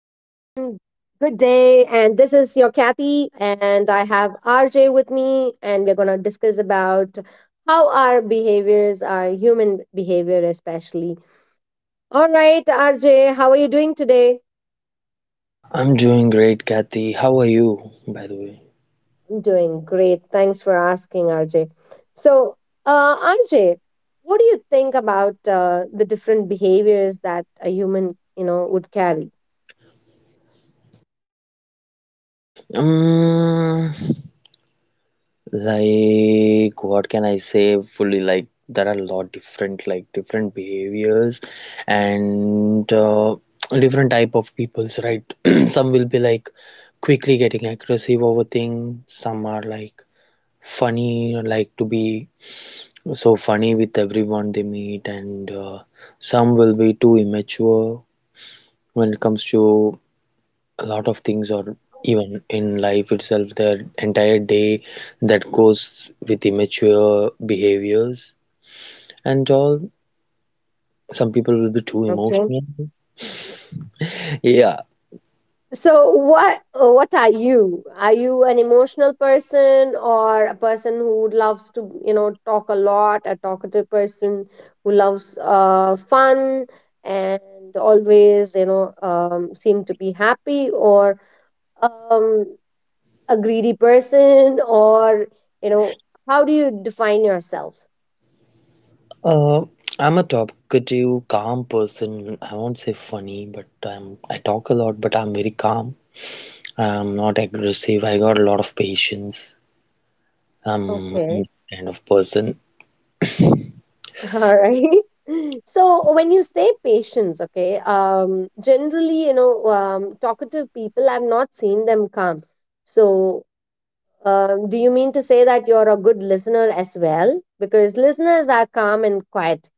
Good day. And this is your Kathy, and I have RJ with me, and we're going to discuss about how our behaviors are, human behavior especially. All right, RJ, how are you doing today? I'm doing great, Kathy. How are you, by the way? I'm doing great. Thanks for asking, RJ. So, RJ, what do you think about the different behaviors that a human, would carry? Um, like, what can I say fully? Like, there are a lot different, like, different behaviors and different type of peoples, right? Some will be like quickly getting aggressive over things. Some are like funny, like to be so funny with everyone they meet, and some will be too immature when it comes to a lot of things, or even in life itself, their entire day that goes with immature behaviors and all. Some people will be too emotional. Yeah. So what are you? Are you an emotional person, or a person who loves to, you know, talk a lot, a talkative person who loves fun and always, you know, seem to be happy, or um a greedy person, or, you know, how do you define yourself? uh, I'm a talkative, calm person. I won't say funny, but I'm. I talk a lot, but I'm very calm. I'm not aggressive. I got a lot of patience. I'm Okay. that kind of person. All right. So when you say patience, okay, generally, you know, talkative people, I've not seen them calm. So, do you mean to say that you're a good listener as well? Because listeners are calm and quiet,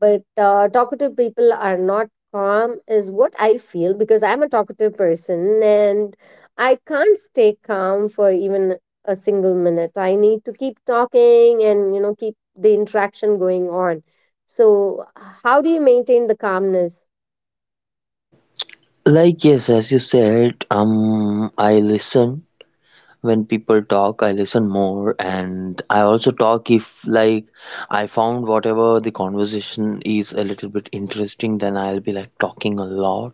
but talkative people are not calm is what I feel, because I'm a talkative person and I can't stay calm for even a single minute. I need to keep talking and, you know, keep the interaction going on. So how do you maintain the calmness? Like, yes, as you said, I listen. When people talk, I listen more, and I also talk if, like, I found whatever the conversation is a little bit interesting, then I'll be like talking a lot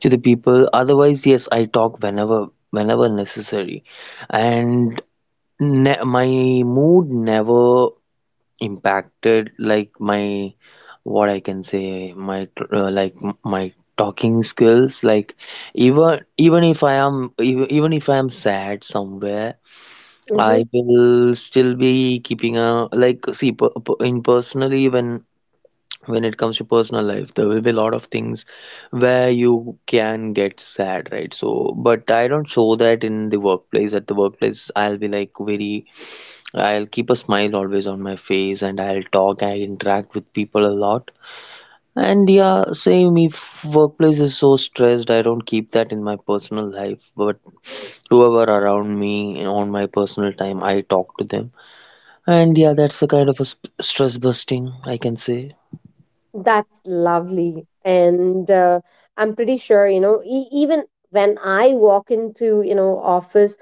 to the people. Otherwise, yes, I talk whenever necessary, and ne my mood never impacted, like, my, what I can say, my like, my talking skills, like, even if I am sad somewhere. Mm-hmm. I will still be keeping a, like, see, in, personally, when it comes to personal life, there will be a lot of things where you can get sad, right? So but I don't show that in the workplace. At the workplace, I'll be like, very I'll keep a smile always on my face, and I'll talk. I interact with people a lot. And yeah, same. If workplace is so stressed, I don't keep that in my personal life, but whoever around me and on my personal time, I talk to them. And yeah, that's a kind of a st stress busting, I can say. That's lovely. And I'm pretty sure, you know, even when I walk into, you know, office,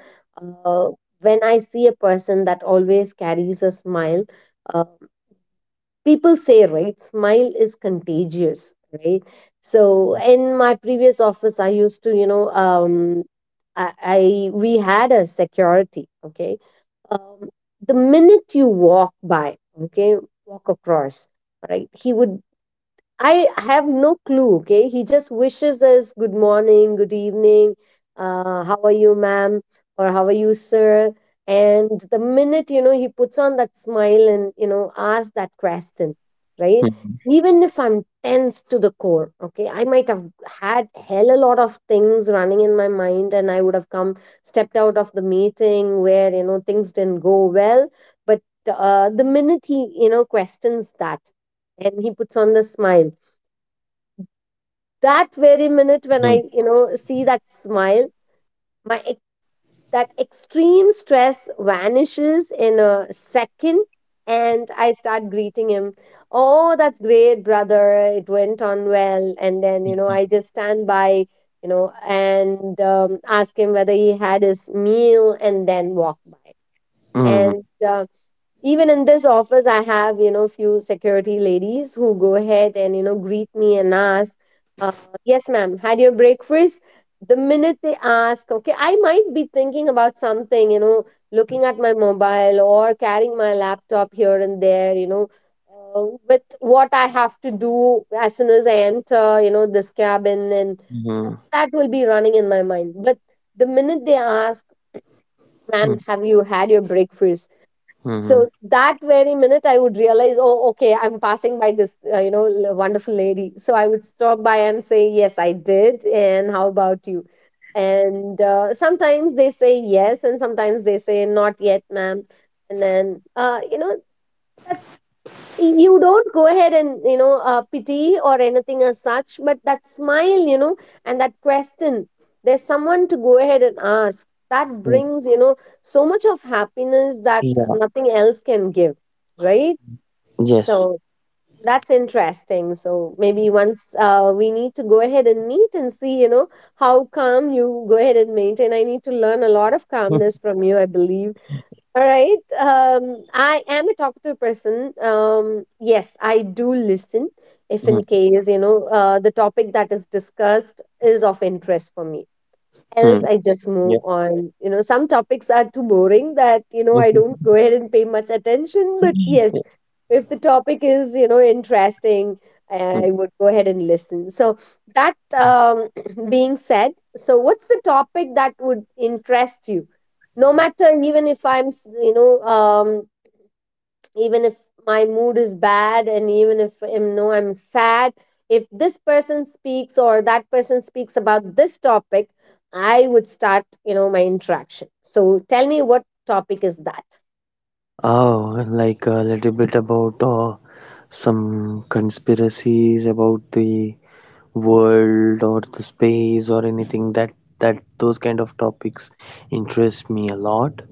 uh, when I see a person that always carries a smile, uh, people say, right, smile is contagious, right? So in my previous office, I used to, you know, I we had a security, okay? Um, the minute you walk by, okay, walk across, right? He would I have no clue, okay? He just wishes us good morning, good evening, how are you, ma'am, or how are you, sir? And the minute, you know, he puts on that smile and, you know, asks that question, right? Even if I'm tense to the core, okay, I might have had hell a lot of things running in my mind, and I would have come, stepped out of the meeting where, you know, things didn't go well. But the minute he, you know, questions that, and he puts on the smile, that very minute when I, you know, see that smile, my ex- that extreme stress vanishes in a second, and I start greeting him. Oh, that's great, brother. It went on well. And then, you know, I just stand by, you know, and ask him whether he had his meal, and then walk by. Mhm, mhm, And mhm, even in this office I have, you know, few security ladies who go ahead and, you know, greet me and ask, uh, yes ma'am, had your breakfast. The minute they ask, okay, I might be thinking about something, you know, looking at my mobile or carrying my laptop here and there, you know, with what I have to do as soon as I enter, you know, this cabin, and mhm, that will be running in my mind. But the minute they ask, mhm, ma'am, have you had your breakfast, so mhm, that very minute, I would realize, oh, okay, I'm passing by this, you know, wonderful lady. So I would stop by and say, yes, I did. And how about you? And sometimes they say yes, and sometimes they say not yet, ma'am. And then, you know, you don't go ahead and, you know, pity or anything as such, but that smile, you know, and that question, there's someone to go ahead and ask, that mhm. brings, you know, so much of happiness that Yeah, nothing else can give, right? yes. So that's interesting. So maybe once we need to go ahead and meet and see, you know, how calm you go ahead and maintain. I need to learn a lot of calmness Mhm, from you, I believe. All right. I am a talkative person. Yes, I do listen if in mhm, case, you know, the topic that is discussed is of interest for me. Else, mhm, I just move yeah. on. You know, some topics are too boring that, you know, I don't go ahead and pay much attention. But yes, if the topic is, you know, interesting, I would go ahead and listen. So that being said, so what's the topic that would interest you, no matter even if you know, even if my mood is bad, and even if I know I'm sad, if this person speaks or that person speaks about this topic, I would start, you know, my interaction. So tell me, what topic is that? Oh, like, a little bit about some conspiracies about the world or the space or anything that those kind of topics interest me a lot.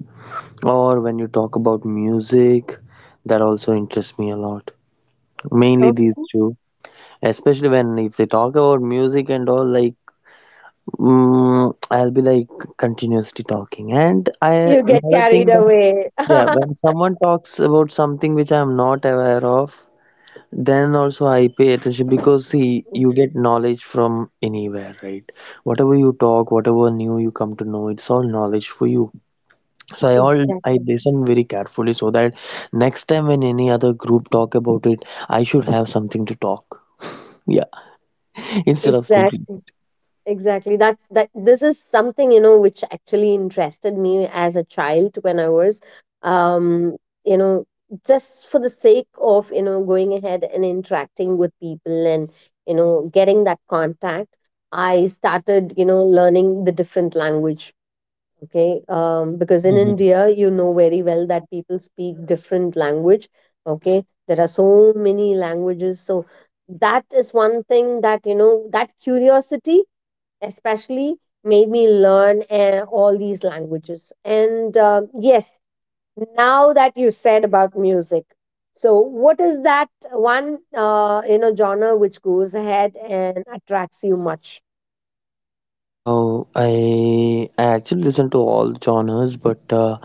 Or when you talk about music, that also interests me a lot. Mainly these Okay. two. Especially when if they talk about music and all, like, I'll be like continuously talking, and I You get another carried thing when, away. yeah, when someone talks about something which I'm not aware of, then also I pay attention. Because, see, you get knowledge from anywhere, right? Whatever you talk, whatever new you come to know, it's all knowledge for you. So I Exactly. listen very carefully, so that next time when any other group talk about it, I should have something to talk. Yeah. Instead of simply. Exactly. Exactly. That's that this is something, you know, which actually interested me as a child. When I was um, you know, just for the sake of, you know, going ahead and interacting with people and, you know, getting that contact, I started, you know, learning the different language, okay, because in Mhm. India, you know very well that people speak different language, okay, there are so many languages. So that is one thing that, you know, that curiosity especially made me learn all these languages. And yes, now that you said about music, so what is that one you know, genre which goes ahead and attracts you much? Oh, I actually listen to all genres, but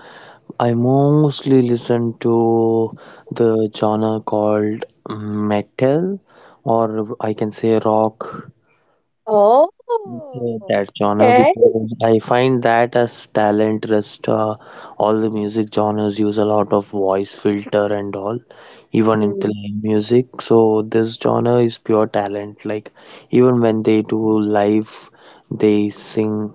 I mostly listen to the genre called metal, or I can say rock. Oh, That genre, okay. because I find that as talent rest. All the music genres use a lot of voice filter and all, even in the Mm, live music. So this genre is pure talent. Like, even when they do live, they sing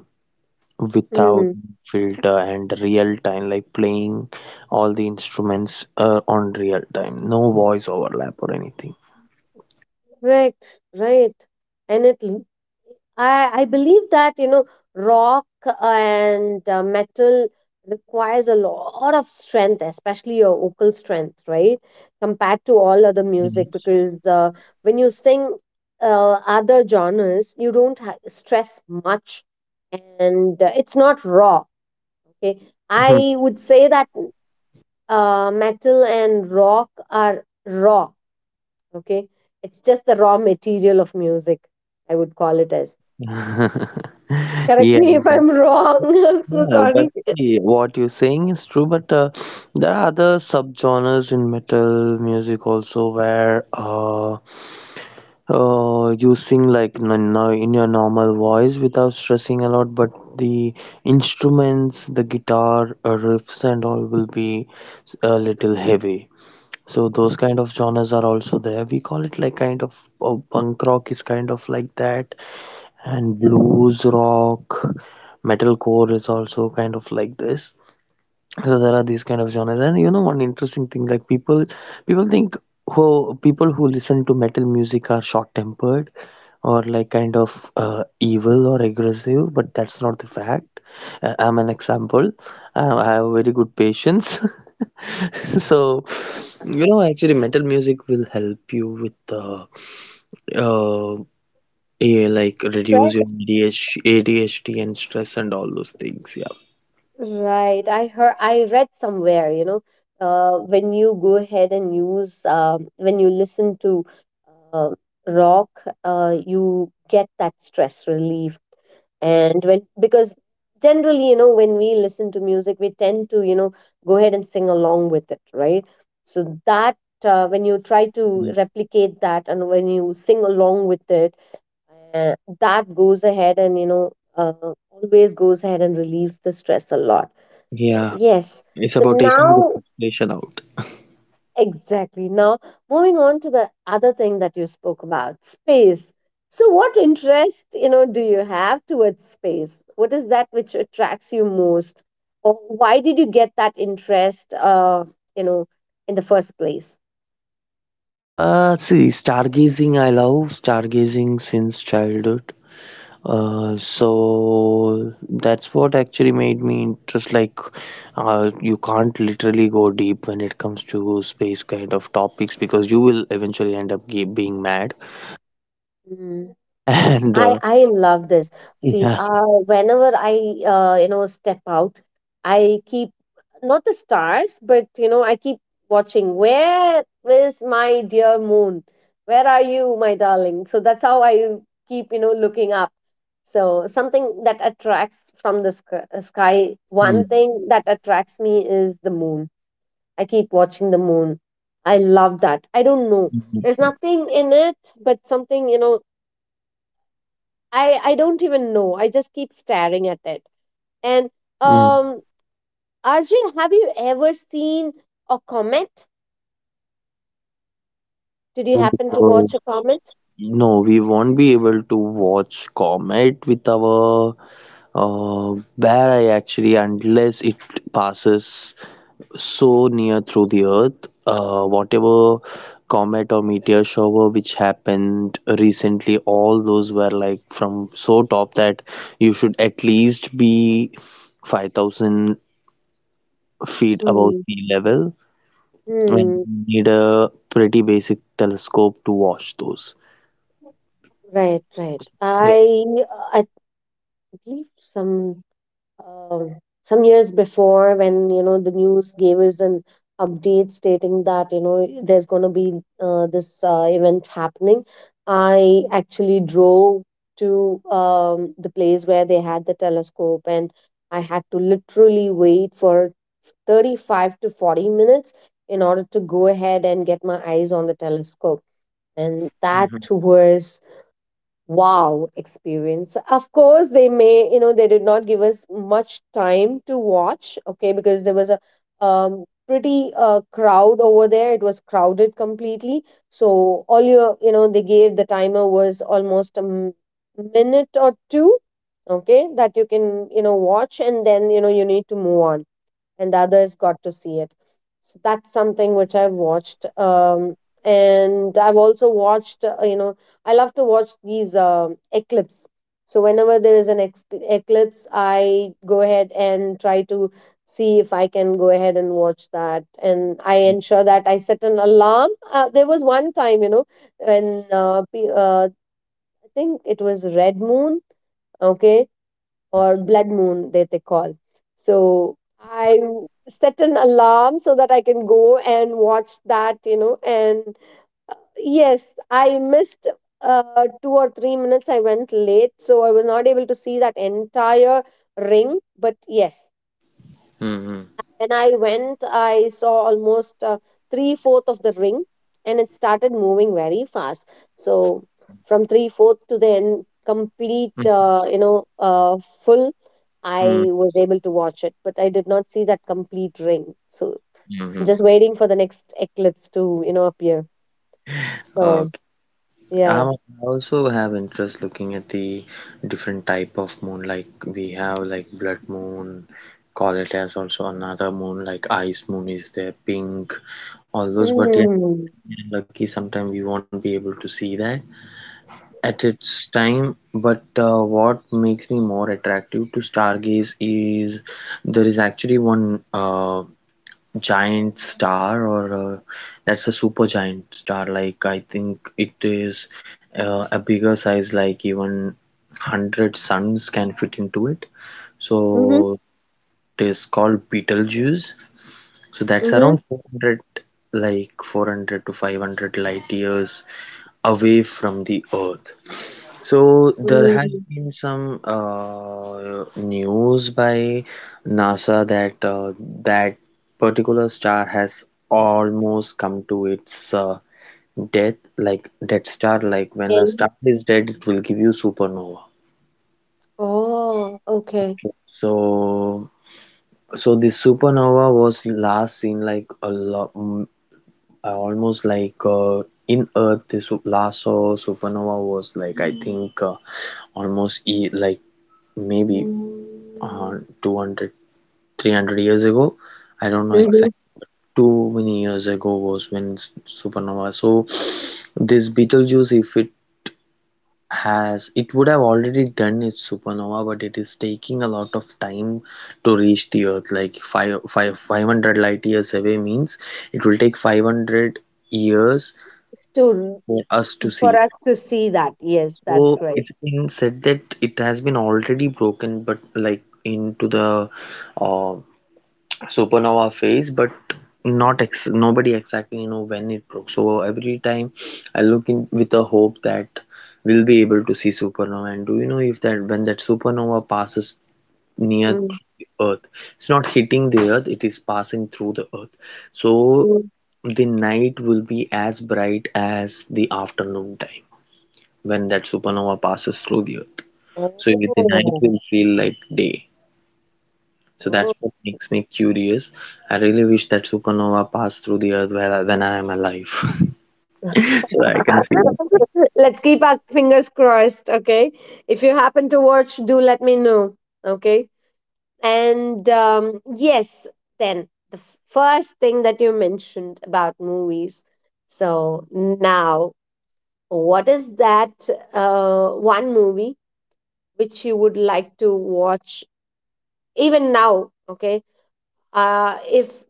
without mm. filter, and real time, like, playing all the instruments on real time, no voice overlap or anything. Correct, right. And it, I believe that, you know, rock and metal requires a lot of strength, especially your vocal strength, right? Compared to all other Mhm. music, because when you sing other genres, you don't ha stress much, and it's not raw, okay? I would say that metal and rock are raw. Okay, it's just the raw material of music, I would call it as. Correct Yeah. me if I'm wrong. I'm so Yeah, but sorry. What you're saying is true, but there are other subgenres in metal music also, where you sing like in your normal voice without stressing a lot, but the instruments, the guitar, riffs, and all will be a little heavy. So those kind of genres are also there. We call it like kind of punk rock is kind of like that, and blues rock, metalcore is also kind of like this. So there are these kind of genres, and, you know, one interesting thing, like, people think who people who listen to metal music are short tempered, or like kind of evil or aggressive, but that's not the fact. I'm an example. I have very good patience. So, you know, actually metal music will help you with uh like reduce your Stress, ADHD and stress and all those things. Yeah. right? I heard, I read somewhere, you know, when you go ahead and use, when you listen to uh, rock, you get that stress relief. And when, because generally, you know, when we listen to music, we tend to, you know, go ahead and sing along with it, right? So that when you try to replicate that and when you sing along with it, uh, that goes ahead and, you know, uh, always goes ahead and relieves the stress a lot. So Yeah, yes. it's So about taking the now, frustration out. exactly. Now, moving on to the other thing that you spoke about, space. So, what interest, you know, do you have towards space? What is that which attracts you most? Or why did you get that interest, you know, in the first place? See, stargazing, I love stargazing since childhood. So that's what actually made me interest. Like, you can't literally go deep when it comes to space kind of topics, because you will eventually end up being mad. Hmm. And I I love this. See, yeah. Whenever I you know, step out, I keep, not the stars, but, you know, I keep watching, where is my dear moon? Where are you, my darling? So that's how I keep, you know, looking up. So something that attracts from the sky. Mm, One thing that attracts me is the moon. I keep watching the moon. I love that, I don't know. There's mm, nothing in it, but something, you know, I don't even know, I just keep staring at it. And mm. um, Arjun, have you ever seen a comet? Did you No, happen to watch because a comet? no, we won't be able to watch comet with our bare eye actually, unless it passes so near through the earth. Whatever comet or meteor shower which happened recently, all those were like from so top that you should at least be 5,000 feet above Hmm. sea level, and Hmm. you need a pretty basic telescope to watch those. Right. Right. Yeah. I, uh, I believe some, um, some years before when, you know, the news gave us an update stating that, you know, there's going to be this event happening, I actually drove to the place where they had the telescope, and I had to literally wait for 35 to 40 minutes in order to go ahead and get my eyes on the telescope. And Mm-hmm. that was wow experience. Of course, they may, you know, they did not give us much time to watch, okay, because there was a pretty crowd over there, it was crowded completely. So all your, you know, they gave, the timer was almost a minute or two, okay, that you can, you know, watch, and then, you know, you need to move on and the others got to see it. So that's something which I've watched. And I've also watched, you know, I love to watch these eclipse. So whenever there is an eclipse, I go ahead and try to see if I can go ahead and watch that. And I ensure that I set an alarm. There was one time, you know, when I think it was Red Moon, okay, Mm-hmm. or blood moon that they call. So I set an alarm so that I can go and watch that, you know. And yes, I missed 2 or 3 minutes. I went late, so I was not able to see that entire ring. But yes, Mm-hmm. when I went, I saw almost three fourth of the ring, and it started moving very fast. So from three fourth to the end, complete, full, Mm-hmm. I was able to watch it, but I did not see that complete ring. So Mm-hmm. I'm just waiting for the next eclipse to, appear. So Um, yeah. I also have interest looking at the different type of moon. Like, we have like blood moon, call it as also another moon. Like, ice moon is there, pink, all those. But yeah, Mm. lucky, sometimes we won't be able to see that at its time. But what makes me more attractive to stargaze is, there is actually one giant star, or that's a super giant star, like I think it is a bigger size, like even 100 suns can fit into it. Mm-hmm. So it is called Betelgeuse. So that's Mm-hmm. around 400, like 400 to 500 light years away from the earth. So there has Mm. been some news by NASA that particular star has almost come to its death, like dead star. Like when a And- star is dead, it will give you supernova. Oh, okay. So so this supernova was last seen, like, a lot, almost, like, in Earth. This last saw supernova was, like, I think almost e like maybe. uh, 200, 300 years ago. I don't know Mm-hmm. exact. Too many years ago was when supernova. So this Betelgeuse, if it has, it would have already done its supernova, but it is taking a lot of time to reach the earth. Like 500 light years away means it will take 500 years To, for us to for see that. us to see that. Yes, So that's right. it's been said that it has been already broken, but, like, into the uh, supernova phase, but not ex- nobody exactly know when it broke. So every time I look in with a hope that we'll be able to see supernova. And do you know, if that, when that supernova passes near Mm, the earth, it's not hitting the earth, it is passing through the earth. So mm. the night will be as bright as the afternoon time when that supernova passes through the earth. So Oh, the night will feel like day. So that's oh. what makes me curious. I really wish that supernova passed through the earth when I am alive, so I can see that one. Let's keep our fingers crossed, okay? If you happen to watch, do let me know, okay? And Yes, then the first thing that you mentioned about movies. So now, what is that one movie which you would like to watch even now, okay? If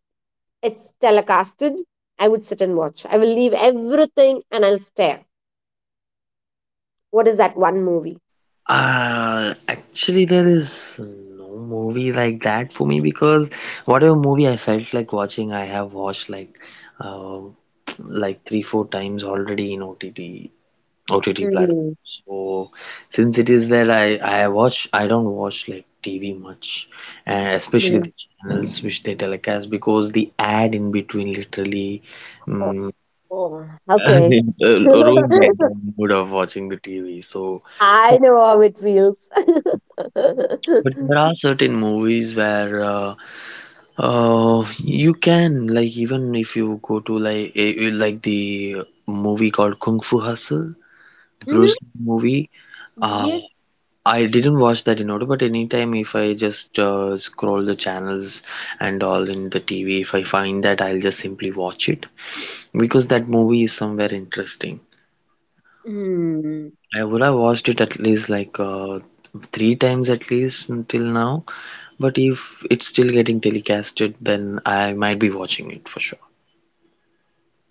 it's telecasted, I would sit and watch. I will leave everything and I'll stare. What is that one movie? Actually, there is no movie like that for me, because whatever movie I felt like watching, I have watched like uh, like three, four times already in OTT platform. Mm, So since it is that I don't watch like TV much, and especially mm. the channels which they telecast, because the ad in between literally Oh, um, oh, okay. ruined the entire mood of watching the TV. So I know how it feels. but there are certain movies where you can, like, even if you go to, like, like the movie called Kung Fu Hustle, the Mhm, Bruce Lee movie. uh, yes. I didn't watch that in order, but anytime if I just scroll the channels and all in the TV, if I find that, I'll just simply watch it, because that movie is somewhere interesting. Mm, I would have watched it at least like three times at least until now, but if it's still getting telecasted, then I might be watching it for sure.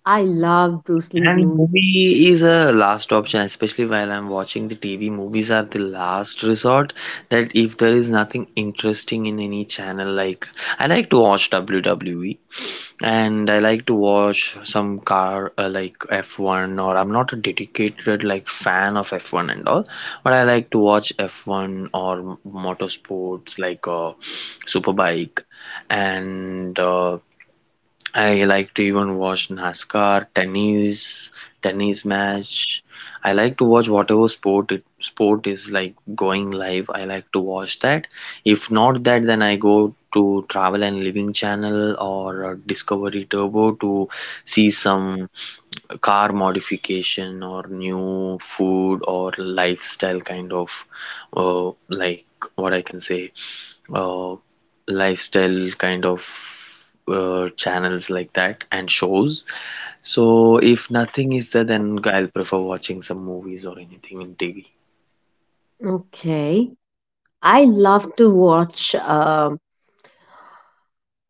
I love Bruce Lee's And movie. movie is a last option, especially while I'm watching the TV. Movies are the last resort, that if there is nothing interesting in any channel, like, I like to watch WWE, and I like to watch some car like F1, or I'm not a dedicated, like, fan of F1 and all, but I like to watch F1 or motorsports, like, Superbike, and I like to even watch NASCAR, tennis, tennis match. I like to watch whatever sport is, like, going live. I like to watch that. If not that, then I go to Travel and Living channel or Discovery Turbo to see some car modification or new food or lifestyle kind of, like, what I can say, uh, lifestyle kind of, channels like that and shows. So if nothing is there, then I'll prefer watching some movies or anything in TV. Okay. I love to watch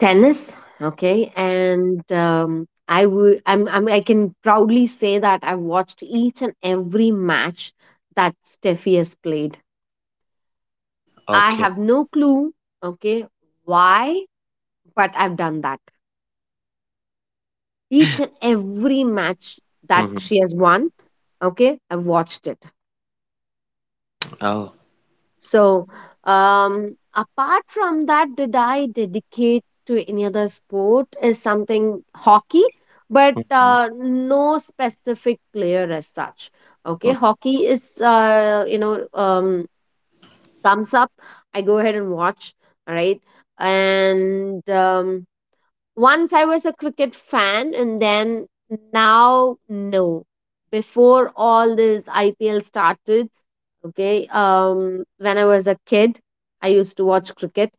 tennis. Okay. And I would, I can proudly say that I've watched each and every match that Steffi has played. I Okay. have no clue, okay, why, but I've done that. Each and every match that Hmm. she has won, okay, I've watched it. Oh. So, apart from that, did I dedicate to any other sport? Is something hockey, but no specific player as such. Okay, hockey is, thumbs up. I go ahead and watch, all right, and once I was a cricket fan, and then now, no. Before all this IPL started, okay, when I was a kid, I used to watch cricket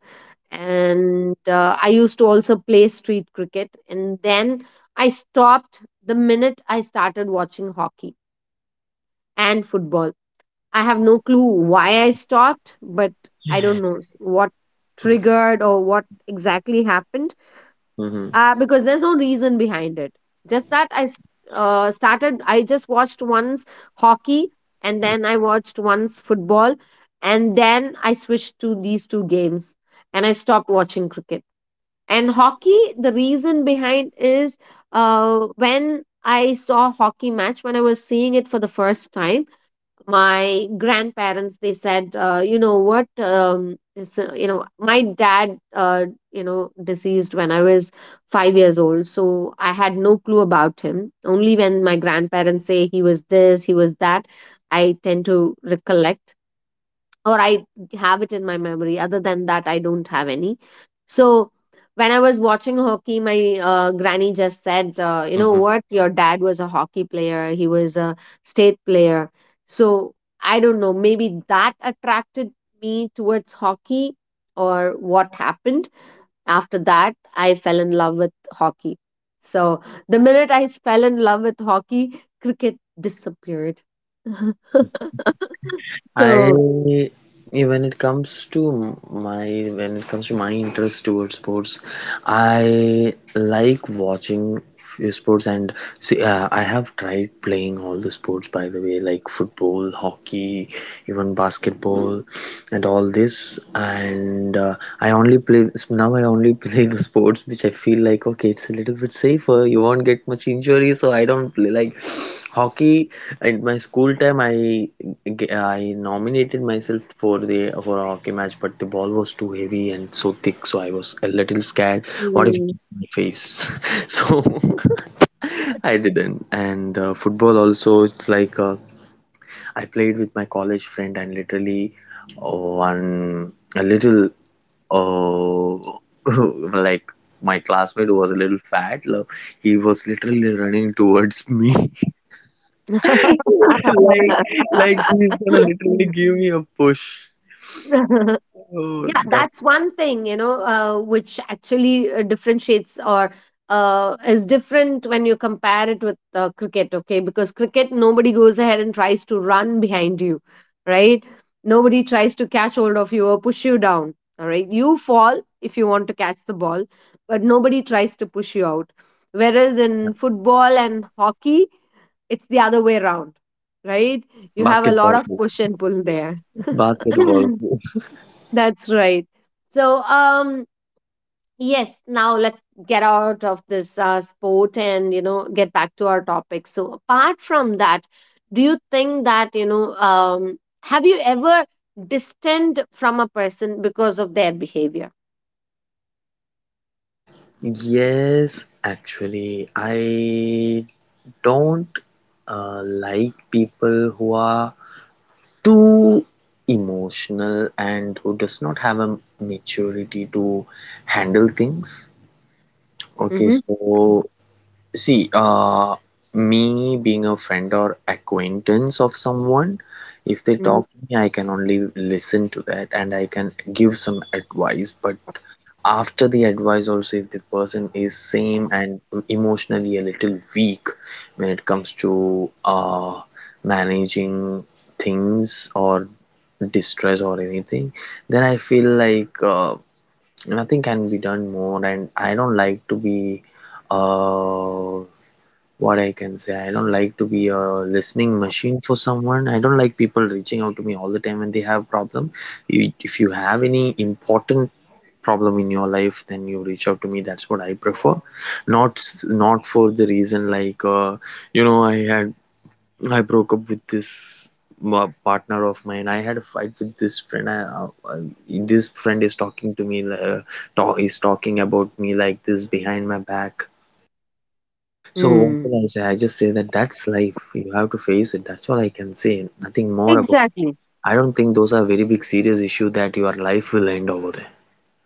and I used to also play street cricket. And then I stopped the minute I started watching hockey and football. I have no clue why I stopped, but I don't know what triggered or what exactly happened, Hmm. Because there's no reason behind it. Just that started, I just watched once hockey and then I watched once football and then I switched to these two games and I stopped watching cricket. And hockey, the reason behind is, when I saw hockey match, when I was seeing it for the first time, my grandparents they said, you know what this, you know my dad, deceased when I was 5 years old, so I had no clue about him. Only when my grandparents say he was this, he was that, I tend to recollect, or I have it in my memory. Other than that, I don't have any. So when I was watching hockey, my granny just said, "You know what? Your dad was a hockey player. He was a state player." So I don't know. Maybe that attracted me towards hockey, or what happened after that? I fell in love with hockey. So the minute I fell in love with hockey, cricket disappeared. I So. when it comes to my When it comes to my interest towards sports, I like watching few sports and see. I have tried playing all the sports, by the way, like football, hockey, even basketball, and all this. And I only play now. I only play the sports which I feel like, okay, it's a little bit safer. You won't get much injury, so I don't play like hockey. At my school time, I nominated myself for the for a hockey match, but the ball was too heavy and so thick, so I was a little scared. What if it Mm. hit my face? So I didn't. And football also, it's like I played with my college friend and literally one a little oh like my classmate was a little fat. He was literally running towards me like he's gonna literally give me a push. Yeah, Oh, that that's one thing, you know, which actually differentiates or is different when you compare it with cricket. Okay, because cricket, nobody goes ahead and tries to run behind you, right? Nobody tries to catch hold of you or push you down, all right? You fall if you want to catch the ball, but nobody tries to push you out. Whereas in football and hockey, it's the other way around, right? You have a lot basketball of hoop, push and pull there. basketball hoop. That's right. so um Yes, now let's get out of this sport and you know get back to our topic. So apart from that, do you think that have you ever distanced from a person because of their behavior? Yes, actually, I don't like people who are too emotional and who does not have a maturity to handle things. Okay, Mm-hmm. so see, me being a friend or acquaintance of someone, if they Mm-hmm. talk to me, I can only listen to that and I can give some advice. But after the advice, also, if the person is same and emotionally a little weak when it comes to managing things or distress or anything, then I feel like nothing can be done more, and I don't like to be uh what I can say I don't like to be a listening machine for someone I don't like people reaching out to me all the time when they have problem you, if you have any important problem in your life then you reach out to me that's what I prefer not s- not for the reason like you know, I broke up with this partner of mine. I had a fight with this friend. I, this friend is talking to me, talk, is talking about me like this behind my back. So what Mm. will I say? I just say that that's life. You have to face it. That's all I can say. Nothing more about. Exactly. I don't think those are very big serious issue that your life will end over there,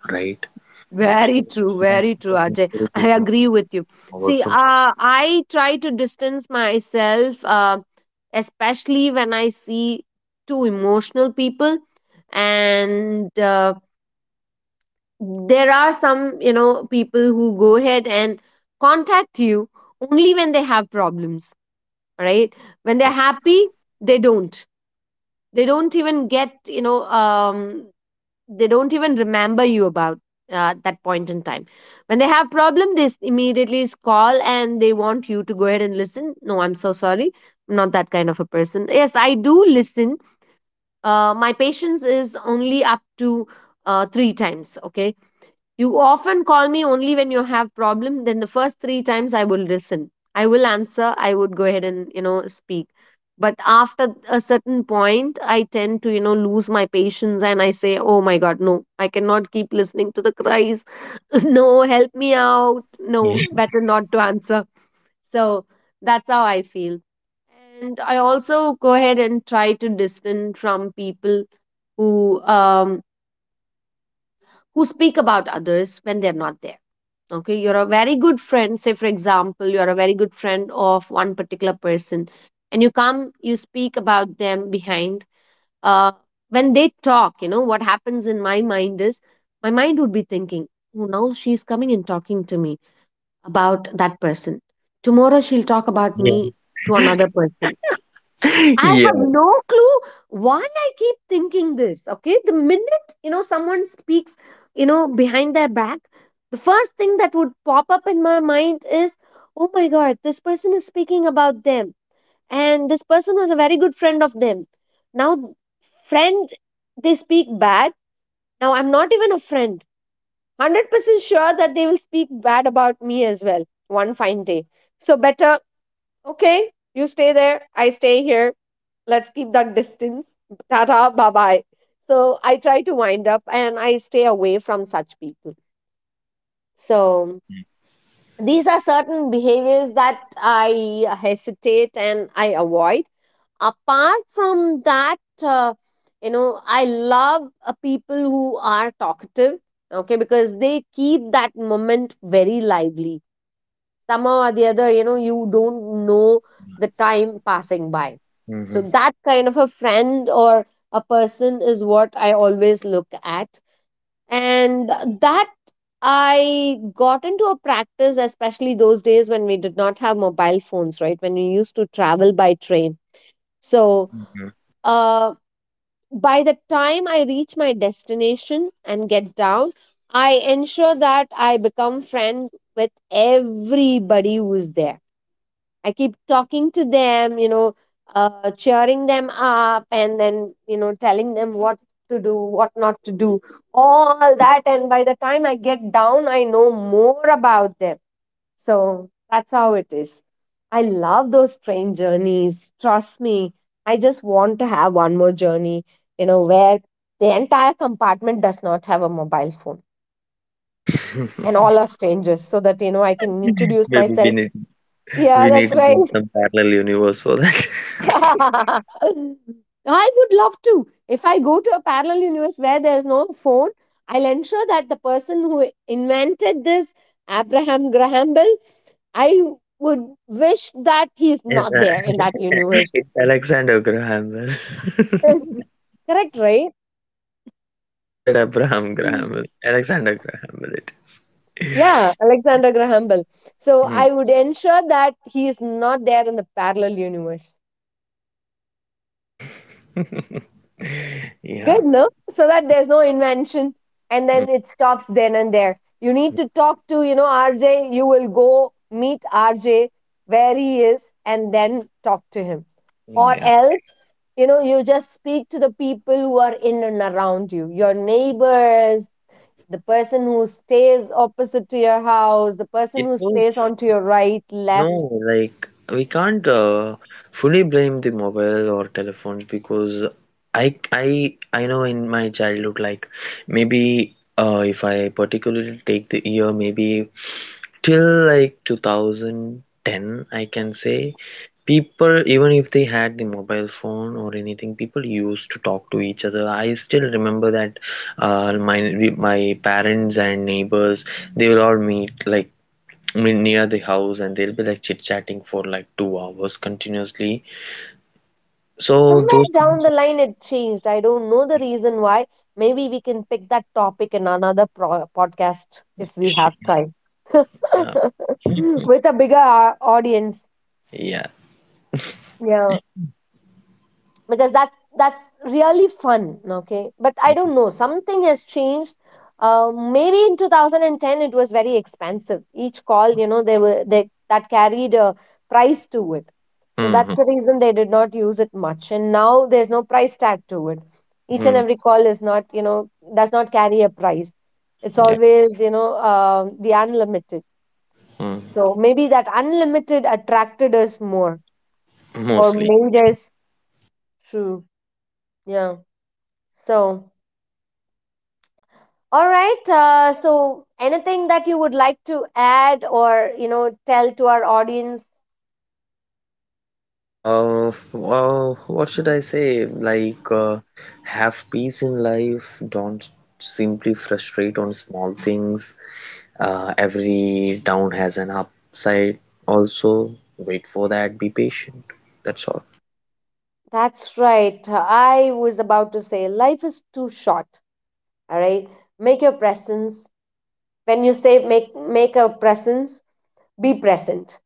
right? So that Very kind true, of Ajay. maturity I comes agree with you. forward See, from I try to distance myself, especially when I see too emotional people. And there are some, you know, people who go ahead and contact you only when they have problems, right? When yeah, they're happy, they don't. They don't even get, they don't even remember you about, that point in time when they have problem, they immediately call and they want you to go ahead and listen. No, I'm so sorry, I'm not that kind of a person. Yes, I do listen. Uh, my patience is only up to 3 times, okay? You often call me only when you have problem. Then the first 3 times I will listen. I will answer. I would go ahead and you know speak. But after a certain point, I tend to you know lose my patience and I say, oh my god, no, I cannot keep listening to the cries. No, help me out. yeah. No, better not to answer. So that's how I feel. And I also go ahead and try to distance from people who um who speak about others when they're not there. Okay, you're a very good friend, say for example you're a very good friend of one particular person, and you come, you speak about them behind, uh, when they talk, you know what happens in my mind is my mind would be thinking, oh, now she's coming and talking to me about that person. Tomorrow she'll talk about me to another person. Yeah, I have yeah. no clue why I keep thinking this. Okay, the minute you know someone speaks, you know, behind their back, the first thing that would pop up in my mind is, oh my god, this person is speaking about them, and this person was a very good friend of them. Now, friend, they speak bad. Now, I'm not even a friend. 100% sure that they will speak bad about me as well one fine day. So, better, okay, you stay there, I stay here, let's keep that distance. Tata, bye bye. So I try to wind up and I stay away from such people. So these are certain behaviors that I hesitate and I avoid. Apart from that, uh, you know, I love people who are talkative, okay, because they keep that moment very lively somehow or the other, you know, you don't know the time passing by. So Hmm. that kind of a friend or a person is what I always look at. And that, I got into a practice, especially those days when we did not have mobile phones, right? When we used to travel by train. So uh, by the time I reach my destination and get down, I ensure that I become friend with everybody who is there. I keep talking to them, you know, cheering them up and then, you know, telling them what to do, what not to do, all that. And by the time I get down, I know more about them. So that's how it is. I love those train journeys. Trust me. I just want to have one more journey, you know, where the entire compartment does not have a mobile phone and all are strangers so that, you know, I can introduce Maybe we myself. need, Yeah, we need that's to right. move some parallel universe for that. I would love to. If I go to a parallel universe where there's no phone, I'll ensure that the person who invented this, Abraham Graham Bell, I would wish that he's It's not uh, there in that universe. it's Alexander Graham Bell. Correct, right? You said Abraham Mm. Graham Bell. Alexander Graham Bell it is. Yeah, Alexander Graham Bell. So Mm. I would ensure that he is not there in the parallel universe. Good, Yeah. no? So that there's no invention and Mm, then it stops then and there. You need to talk to, you know, RJ. You will go meet RJ where he is and then talk to him. mm, Or yeah. else, you know, you just speak to the people who are in and around you, your neighbors, the person who stays opposite to your house, the person It who was stays on to your right, no, left. like, we can't fully blame the mobile or telephones because I know in my childhood like maybe if I particularly take the year, maybe till like 2010, I can say people even if they had the mobile phone or anything, people used to talk to each other. I still remember that uh, my my parents and neighbors, they will all meet like near the house and they'll be like chit chatting for like 2 hours continuously, so Somewhere those. down the line, it changed. I don't know the reason why. Maybe we can pick that topic in another podcast if we have time Yeah, with a bigger audience. yeah. Yeah. Because that's really fun, okay, but I don't know, something has changed. Maybe in 2010 it was very expensive, each call, you know, they were they that carried a price to it. So that's Mhm. the reason they did not use it much, and now there's no price tag to it. Each and Mhm. every call is not, you know, does not carry a price. It's Yeah. always, you know, the unlimited. Mm. So maybe that unlimited attracted us more or Mostly. made us true. Yeah. So all right. So, anything that you would like to add or you know tell to our audience? Well, what should I say? Like, have peace in life. Don't simply frustrate on small things. Every down has an upside. Also, wait for that. Be patient. That's all. That's right. I was about to say life is too short. All right. Make your presence. When you say make make a presence, be present.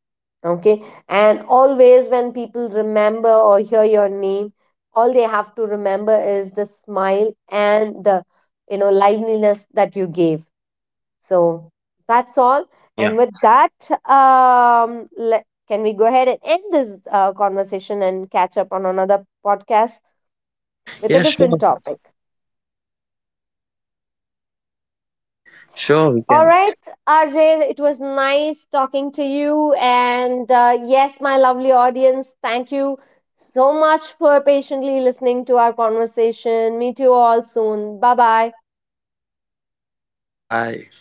Okay. And always when people remember or hear your name, all they have to remember is the smile and the you know liveliness that you gave. So that's all. Yeah. And with that, um, le- can we go ahead and end this conversation and catch up on another podcast with a Yeah, different sure. topic? Sure, we All can. right, RJ, it was nice talking to you. And yes, my lovely audience, thank you so much for patiently listening to our conversation. Meet you all soon. Bye bye. Bye.